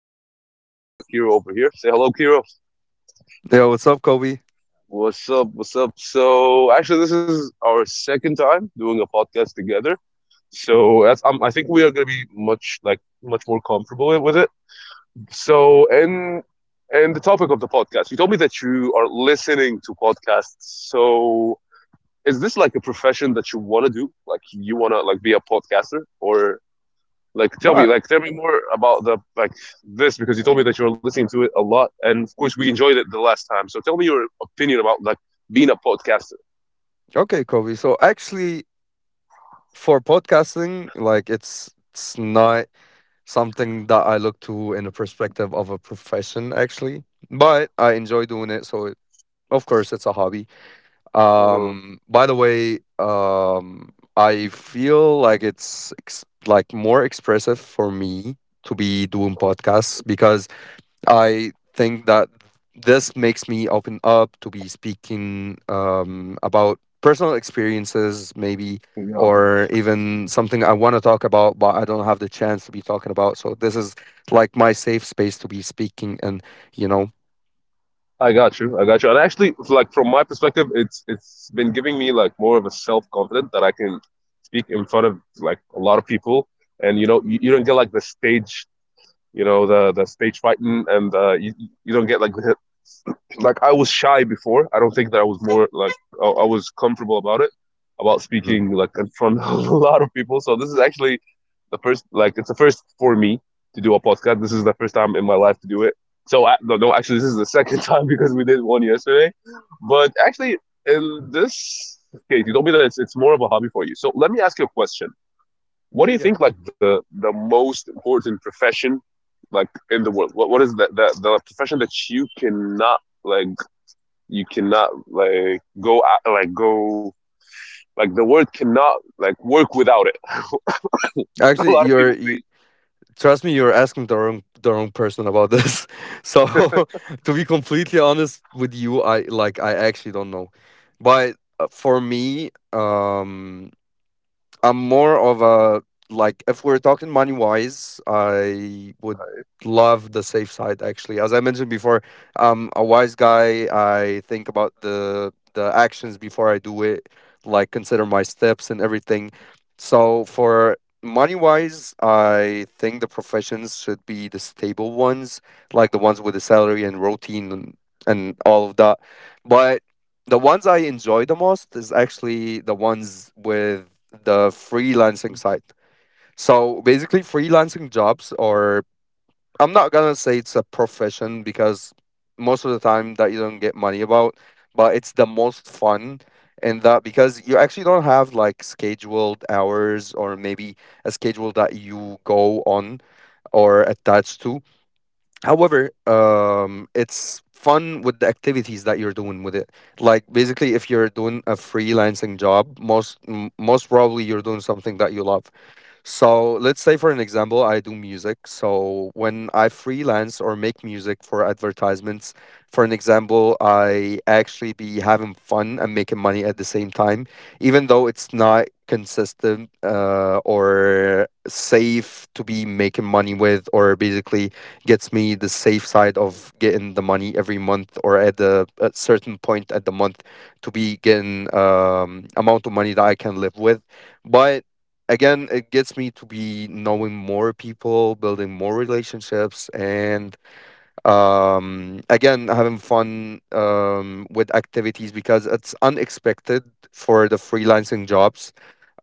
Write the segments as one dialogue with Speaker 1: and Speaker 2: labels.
Speaker 1: speaking, and I got Kiro over here. Say hello, Kiro.
Speaker 2: Yo, what's up, Kobe?
Speaker 1: What's up? What's up? So, actually, this is our second time doing a podcast together. So, that's, I think we are going to be much more comfortable with it. So, and and the topic of the podcast. You told me that you are listening to podcasts. So, is this like a profession that you want to do? Like, you want to like be a podcaster, or
Speaker 2: No, I-
Speaker 1: like tell me more about the like this, because you told me that you were listening to it a lot, and of course we enjoyed it the last time, so tell me your opinion about like being a podcaster.
Speaker 2: Okay, Kobe. For podcasting, like it's not something that I look to in the perspective of a profession, actually. But I enjoy doing it, so of course it's a hobby.
Speaker 1: Mhm.
Speaker 2: By the way, I feel like it's ex like more expressive for me to be doing podcasts because I think that this makes me open up to be speaking about personal experiences, maybe,
Speaker 1: Yeah,
Speaker 2: or even something I want to talk about, but I don't have the chance to be talking about. So this is like my safe space to be speaking, and you know,
Speaker 1: I got you, and actually, like from my perspective, it's been giving me like more of a self-confidence that I can speak in front of like a lot of people, and you know, you don't get like the stage, you know, the stage fighting, and you don't get like the, like I was shy before. I don't think that I was more like I was comfortable about it, about
Speaker 2: Mm.
Speaker 1: speaking like in front of a lot of people. So this is actually the first like it's the first for me to do a podcast. This is the first time in my life to do it. So I, no, no, actually this is the second time because we did one yesterday. But actually, in this case, you told me that it's more of a hobby for you. So let me ask you a question. What do you
Speaker 2: yeah.
Speaker 1: think like the most important profession like in the world? What is that the profession that you cannot like go like the word cannot like work without it. a
Speaker 2: Actually,
Speaker 1: lot of people think
Speaker 2: trust me, you're asking the wrong person about this. So to be completely honest with you, I actually don't know, but for me, I'm more of a like if we're talking money wise, I would love the safe side, actually. As I mentioned before, I'm a wise guy. I think about the actions before I do it, like consider my steps and everything. So for money wise, I think the professions should be the stable ones, like the ones with the salary and routine and all of that. But the ones I enjoy the most is actually the ones with the freelancing side. So basically, freelancing jobs, or I'm not gonna say it's a profession because most of the time that you don't get money about, but it's the most fun in that because you actually don't have like scheduled hours or maybe a schedule that you go on or attached to. However, it's fun with the activities that you're doing with it. Like basically, if you're doing a freelancing job, most probably you're doing something that you love. So let's say, for an example, I do music. So when I freelance or make music for advertisements, for an example, I actually be having fun and making money at the same time, even though it's not consistent or safe to be making money with, or basically gets me the safe side of getting the money every month or at the a certain point at the month to be getting amount of money that I can live with. But again, it gets me to be knowing more people, building more relationships, and again, having fun with activities because it's unexpected for the freelancing jobs.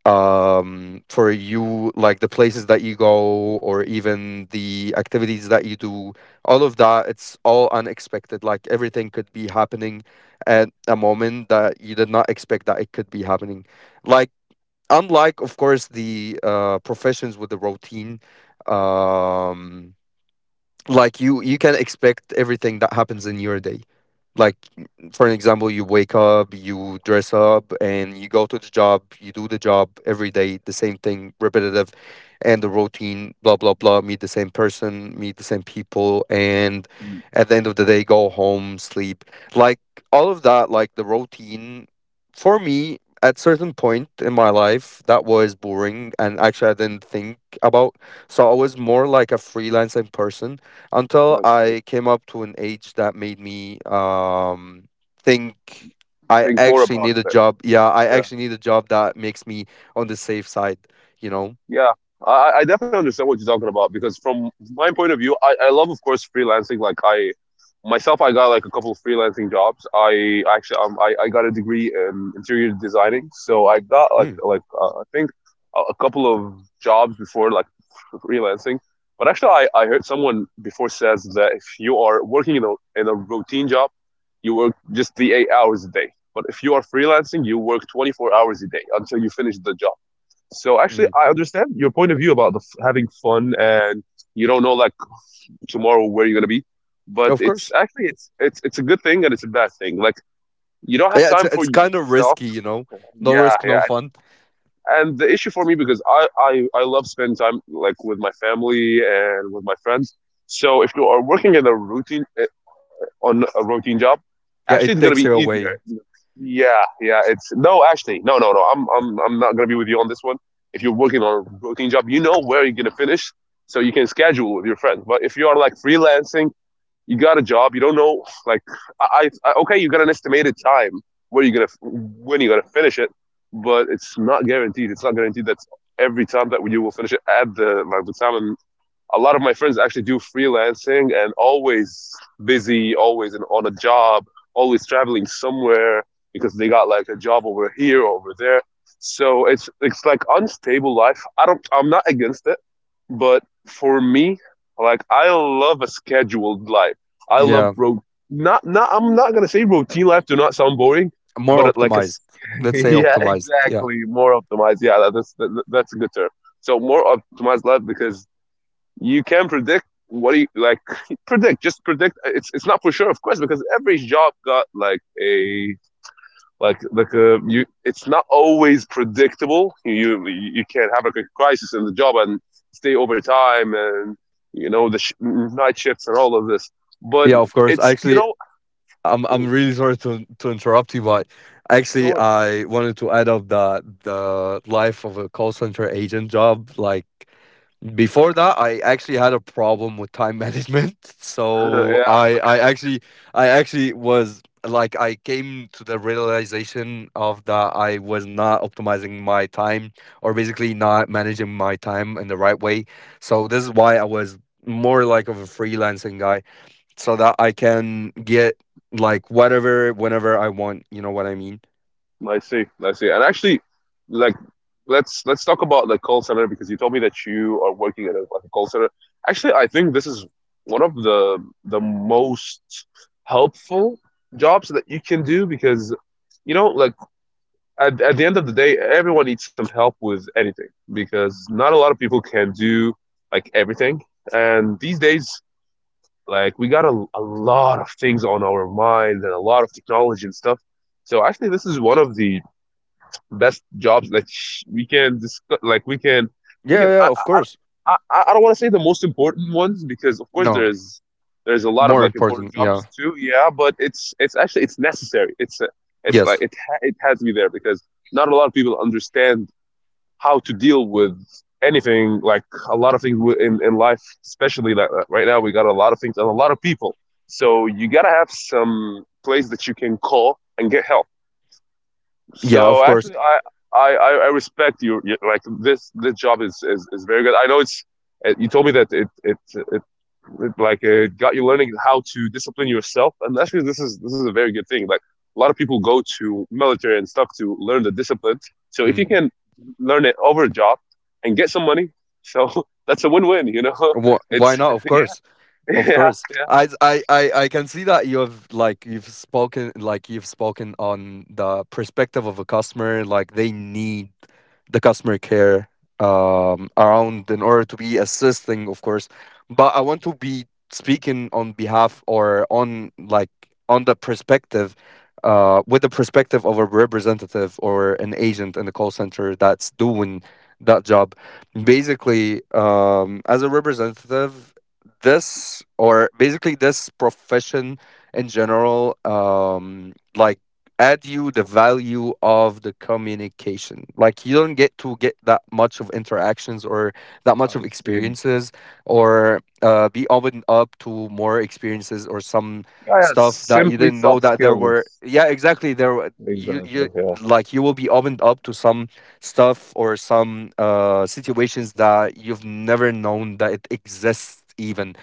Speaker 2: For you, like the places that you go, or even the activities that you do, all of that, it's all unexpected. Like everything could be happening at a moment that you did not expect that it could be happening like unlike, of course, the professions with the routine, um, like you can expect everything that happens in your day, like for an example, you wake up, you dress up, and you go to the job, you do the job every day, the same thing, repetitive, and the routine, blah blah blah, meet the same person, meet the same people, and at the end of the day, go home, sleep. Like all of that, like the routine, for me, at certain point in my life, that was boring, and actually I didn't think about. So I was more like a freelancing person until
Speaker 1: like,
Speaker 2: I came up to an age that made me think I
Speaker 1: think more
Speaker 2: actually need
Speaker 1: about
Speaker 2: a
Speaker 1: it.
Speaker 2: job. Yeah, I
Speaker 1: Yeah.
Speaker 2: actually need a job that makes me on the safe side, you know.
Speaker 1: Yeah, I definitely understand what you're talking about, because from my point of view, I love, of course, freelancing. Like I myself, I got like a couple of freelancing jobs. I actually, I got a degree in interior designing, so I got
Speaker 2: Mm.
Speaker 1: I think a couple of jobs before like freelancing. But actually, I heard someone before says that if you are working in a routine job, you work just the 8 hours a day. But if you are freelancing, you work 24 hours a day until you finish the job. So actually,
Speaker 2: Mm,
Speaker 1: I understand your point of view about having fun, and you don't know like tomorrow where you're gonna be. But
Speaker 2: of
Speaker 1: it's
Speaker 2: course.
Speaker 1: actually it's a good thing and it's a bad thing. Like you don't have
Speaker 2: Yeah, it's
Speaker 1: time for
Speaker 2: it's kind of
Speaker 1: yourself.
Speaker 2: risky, you know. No
Speaker 1: Yeah,
Speaker 2: risk, no
Speaker 1: yeah. And,
Speaker 2: fun.
Speaker 1: and the issue for me, because I love spending time like with my family and with my friends. So if you are working in a routine on a routine job,
Speaker 2: Yeah,
Speaker 1: actually it's
Speaker 2: it
Speaker 1: gonna be
Speaker 2: takes you
Speaker 1: easier.
Speaker 2: away.
Speaker 1: Yeah, yeah. It's no, actually, no, no, no. I'm not gonna be with you on this one. If you're working on a routine job, you know where you're gonna finish, so you can schedule with your friends. But if you are like freelancing, you got a job, you don't know like okay, you got an estimated time where when you're gonna finish it, but it's not guaranteed. It's not guaranteed that every time that you will finish it at the time. A lot of my friends actually do freelancing and always busy, always on a job, always traveling somewhere because they got like a job over here, over there. So it's like unstable life. I'm not against it, but for me, like I love a scheduled life. I love
Speaker 2: Yeah,
Speaker 1: ro- Not, not, I'm not gonna say routine life do not sound boring,
Speaker 2: more
Speaker 1: but it, like a s-
Speaker 2: optimized. Let's say
Speaker 1: yeah,
Speaker 2: optimized. Yeah.
Speaker 1: exactly, more optimized. Yeah, that's a good term. So more optimized life, because you can predict what do you like predict. It's not for sure, of course, because every job got like a like like a you it's not always predictable. You can have like a crisis in the job and stay overtime, and you know night shifts and all of this, but
Speaker 2: Yeah, of course.
Speaker 1: it's you
Speaker 2: Actually,
Speaker 1: know.
Speaker 2: I'm
Speaker 1: Mhm.
Speaker 2: really sorry to interrupt you, but
Speaker 1: No
Speaker 2: actually
Speaker 1: worries.
Speaker 2: I wanted to add up that the life of a call center agent job. Like before that, I actually had a problem with time management. So I actually I actually was like I came to the realization of that I was not optimizing my time or basically not managing my time in the right way. So this is why I was more like of a freelancing guy so that I can get like whatever whenever I want. You know what I mean?
Speaker 1: Yeah, I see, and actually like let's talk about the call center, because you told me that you are working at like a call center. Actually, I think this is one of the most helpful jobs that you can do, because you know, like at the end of the day everyone needs some help with anything, because not a lot of people can do like everything, and these days like we got a lot of things on our mind and a lot of technology and stuff. So actually, this is one of the best jobs that we
Speaker 2: Yeah,
Speaker 1: can
Speaker 2: yeah, of course.
Speaker 1: I don't want to say the most important ones, because of course
Speaker 2: No,
Speaker 1: there's a lot of
Speaker 2: more
Speaker 1: like important
Speaker 2: important. Yeah,
Speaker 1: jobs too. Yeah, but it's actually it's necessary. It's like
Speaker 2: yes,
Speaker 1: it it has to be there, because not a lot of people understand how to deal with anything, like a lot of things in life, especially like right now we got a lot of things and a lot of people. So you gotta have some place that you can call and get help.
Speaker 2: yeah, of
Speaker 1: So
Speaker 2: course.
Speaker 1: actually, I respect you. Like this job is is very good. I know it's. You told me that it like it got you learning how to discipline yourself, and actually this is a very good thing. Like a lot of people go to military and stuff to learn the discipline. So if you
Speaker 2: Mm.
Speaker 1: can learn it over a job and get some money, so that's a win-win. You know, it's
Speaker 2: Why not? Of
Speaker 1: yeah,
Speaker 2: course. Of
Speaker 1: yeah,
Speaker 2: course,
Speaker 1: yeah.
Speaker 2: I can see that you have like you've spoken on the perspective of a customer. Like they need the customer care around in order to be assisting, of course. But I want to be speaking on behalf or on like on the perspective, with the perspective of a representative or an agent in the call center that's doing that job basically as a representative. This or basically this profession in general, like add you the value of the communication. Like you don't get to get that much of interactions or that much
Speaker 1: I
Speaker 2: of
Speaker 1: see.
Speaker 2: experiences or be opened up to more experiences or some
Speaker 1: Yeah, yeah.
Speaker 2: stuff that you
Speaker 1: Simply
Speaker 2: didn't know
Speaker 1: soft
Speaker 2: that there were,
Speaker 1: skills.
Speaker 2: yeah, exactly, you
Speaker 1: Exactly.
Speaker 2: you
Speaker 1: Yeah.
Speaker 2: like you will be opened up to some stuff or some situations that you've never known that it exists even.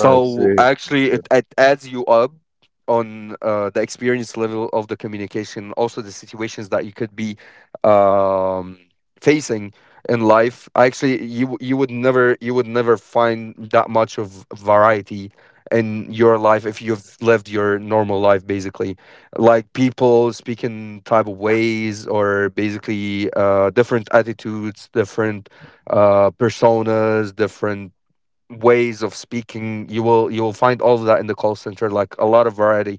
Speaker 1: I see. I
Speaker 2: actually,
Speaker 1: see.
Speaker 2: it adds you up on the experience level of the communication, also the situations that you could be um, facing in life. Actually, you would never find that much of variety in your life if you've lived your normal life, basically, like people speaking type of ways, or basically different attitudes, different personas, different ways of speaking. You will find all of that in the call center, like a lot of variety.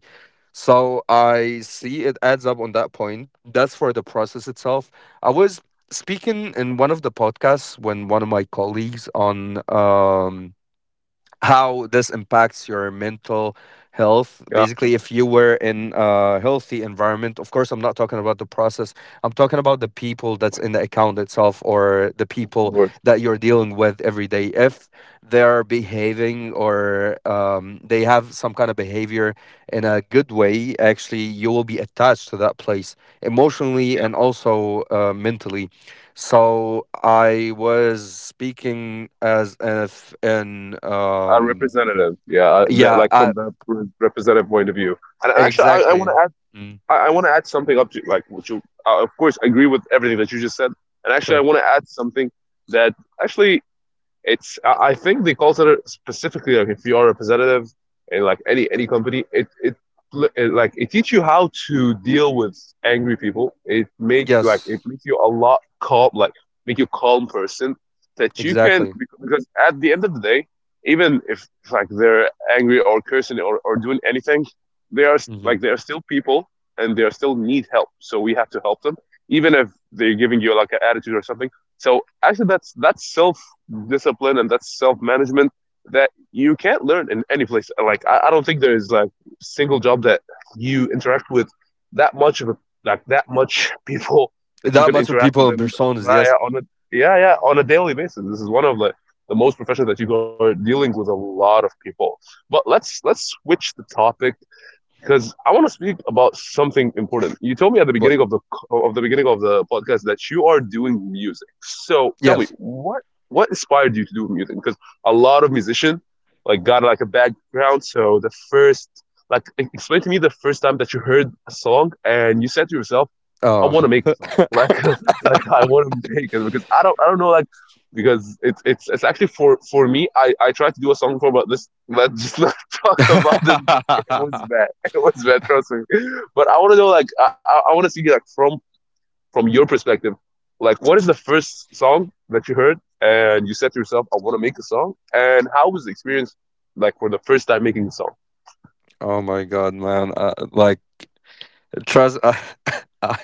Speaker 2: So, I see, it adds up on that point. That's for the process itself. I was speaking in one of the podcasts when one of my colleagues on, how this impacts your mental health.
Speaker 1: Yeah, of
Speaker 2: Basically, if you were in a healthy environment, of course I'm not talking about the process, I'm talking about the people that's in the account itself or the people
Speaker 1: course.
Speaker 2: that you're dealing with every day. If they're behaving or they have some kind of behavior in a good way, actually you will be attached to that place emotionally
Speaker 1: Yeah,
Speaker 2: and also mentally. So I was speaking as if in
Speaker 1: our representative. Yeah, that,
Speaker 2: yeah,
Speaker 1: like
Speaker 2: I
Speaker 1: from the representative point of view. And actually, I want
Speaker 2: exactly.
Speaker 1: to add.
Speaker 2: Mm,
Speaker 1: I want to add something up to like what you. Of course, I agree with everything that you just said. And actually, I
Speaker 2: sure.
Speaker 1: want to add something that actually it's I think the culture, specifically, like if you are a representative in any company, it like it teach you how to deal with angry people. It
Speaker 2: Yes,
Speaker 1: makes you a lot calm, like make you a calm person that you can,
Speaker 2: exactly.
Speaker 1: because at the end of the day, even if like they're angry or cursing, or doing anything, they are
Speaker 2: Hmm.
Speaker 1: like they are still people, and they are still need help. So we have to help them, even if they're giving you like an attitude or something. So actually, that's self discipline and that's self management that you can't learn in any place. Like I don't think there is like single job that you interact with that much of a, like that much people that you
Speaker 2: That
Speaker 1: can
Speaker 2: much of
Speaker 1: interact with
Speaker 2: people in
Speaker 1: them,
Speaker 2: personas,
Speaker 1: yeah,
Speaker 2: yes.
Speaker 1: yeah, on a yeah, yeah, on a daily basis. This is one of the most professional that you are dealing with a lot of people. But let's switch the topic, because I want to speak about something important. You told me at the
Speaker 2: What?
Speaker 1: beginning of the of the beginning of the podcast that you are doing music. So tell me
Speaker 2: Yes.
Speaker 1: what inspired you to do music? Because a lot of musicians like got like a background. So the first like explain to me the first time that you heard a song and you said to yourself, "I
Speaker 2: Oh.
Speaker 1: want to make a song." Like I want to make it, because I don't know, like because it's actually for me I tried to do a song for, but this let's just not talk about this because it was bad, it was bad, trust me. But I want to know, like, I want to see, like, from your perspective, like, what is the first song that you heard and you said to yourself, "I want to make a song," and how was the experience, like, for the first time making a song?
Speaker 2: Oh my god, man. Like trust I I,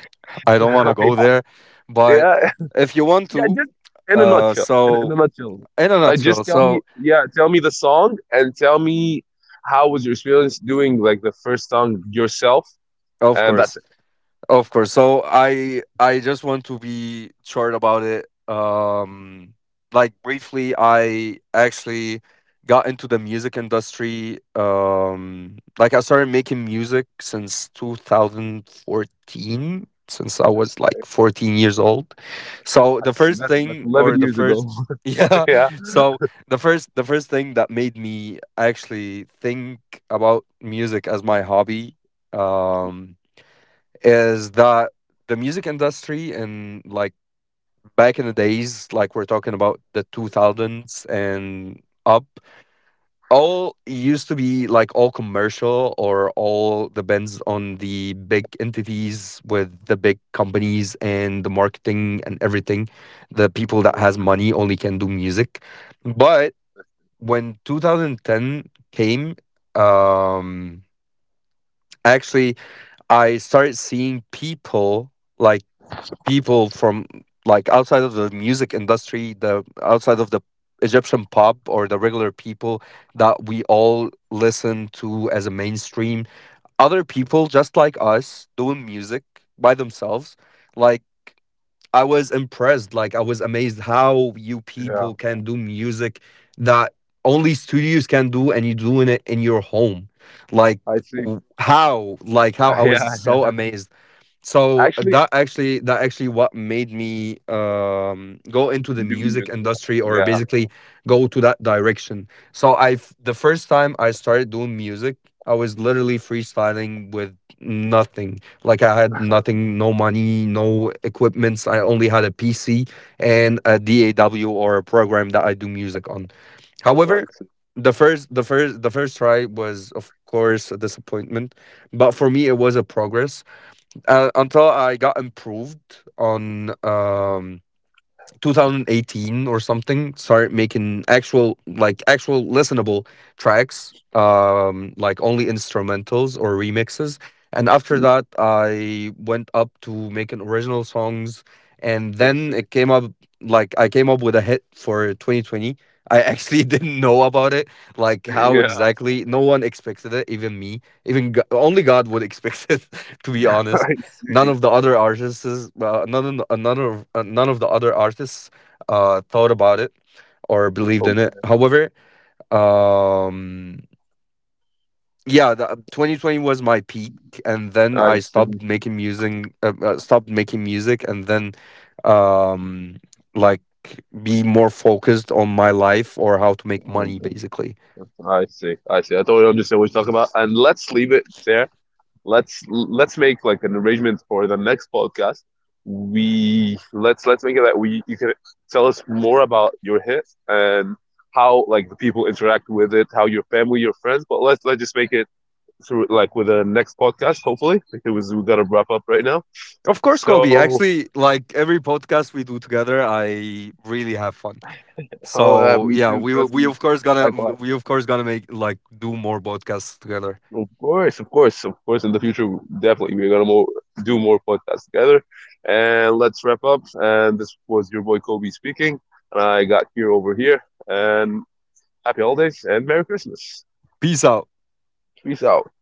Speaker 2: I don't want to go there, but
Speaker 1: Yeah,
Speaker 2: if you want
Speaker 1: yeah,
Speaker 2: to,
Speaker 1: just in a nutshell, in a
Speaker 2: so
Speaker 1: nutshell,
Speaker 2: in a
Speaker 1: like, just
Speaker 2: nutshell,
Speaker 1: tell me,
Speaker 2: so
Speaker 1: yeah, tell me the song and tell me how was your experience doing like the first song yourself,
Speaker 2: of
Speaker 1: and that's
Speaker 2: course.
Speaker 1: it.
Speaker 2: Of course. So I just want to be short about it. Like briefly, I actually got into the music industry, like I started making music since 2014, since I was like 14 years old. So the
Speaker 1: That's
Speaker 2: first
Speaker 1: that's that's
Speaker 2: thing or
Speaker 1: eleven
Speaker 2: the
Speaker 1: years ago.
Speaker 2: first yeah,
Speaker 1: Yeah.
Speaker 2: so the first thing that made me actually think about music as my hobby, um is that the music industry in like back in the days, like we're talking about the 2000s and up, all used to be like all commercial or all depends on the big entities with the big companies and the marketing and everything. The people that has money only can do music. But when 2010 came, um, actually, I started seeing people, like people from like outside of the music industry, the outside of the Egyptian pop or the regular people that we all listen to as a mainstream. Other people just like us doing music by themselves. Like I was impressed, like I was amazed how you people
Speaker 1: Yeah,
Speaker 2: can do music that only studios can do and you're doing it in your home. Like
Speaker 1: I see.
Speaker 2: how? Like how, I was
Speaker 1: Yeah,
Speaker 2: so
Speaker 1: yeah.
Speaker 2: amazed. So
Speaker 1: Actually,
Speaker 2: that actually, that actually what made me go into the
Speaker 1: I do
Speaker 2: music
Speaker 1: music.
Speaker 2: industry or
Speaker 1: Yeah,
Speaker 2: basically go to that direction. So the first time I started doing music, I was literally freestyling with nothing. Like I had nothing, no money, no equipments. I only had a PC and a DAW, or a program that I do music on. However,
Speaker 1: let's
Speaker 2: the first try was, of course, a disappointment, but for me it was a progress until I got improved on 2018 or something, started making actual, like actual listenable tracks, like only instrumentals or remixes. And after
Speaker 1: see.
Speaker 2: that, I went up to making original songs, and
Speaker 1: Let's see.
Speaker 2: then it came up like I came up with a hit for 2020. I actually didn't know about it, like how
Speaker 1: Yeah,
Speaker 2: exactly. No one expected it, even me. Only God would expect it, to be honest.
Speaker 1: I
Speaker 2: None
Speaker 1: see.
Speaker 2: of the other artists, none of the other artists, thought about it or believed in it.
Speaker 1: Okay,
Speaker 2: However, um yeah, 2020 was my peak, and then
Speaker 1: I
Speaker 2: I
Speaker 1: see.
Speaker 2: stopped making music, stopped making music, and then um like be more focused on my life or how to make money,
Speaker 1: Okay,
Speaker 2: basically.
Speaker 1: I see. I see. I totally understand what you're talking about. And let's leave it there. Let's make like an arrangement for the next podcast. We Let's make it that we you can tell us more about your hit and how like the people interact with it, how your family, your friends. But let's just make it through like with the next podcast. Hopefully, because we gotta wrap up right now.
Speaker 2: Of course, Kobe,
Speaker 1: So.
Speaker 2: actually, like every podcast we do together, I really have fun. So
Speaker 1: Oh, me
Speaker 2: yeah,
Speaker 1: too. Trust
Speaker 2: we
Speaker 1: me.
Speaker 2: of course gonna
Speaker 1: Likewise.
Speaker 2: make like do more podcasts together.
Speaker 1: Of course, of course, of course. In the future, definitely, we're gonna more, do more podcasts together. And let's wrap up. And this was your boy Kobe speaking. And I got here over here. And happy holidays and Merry Christmas.
Speaker 2: Peace out.
Speaker 1: Peace out.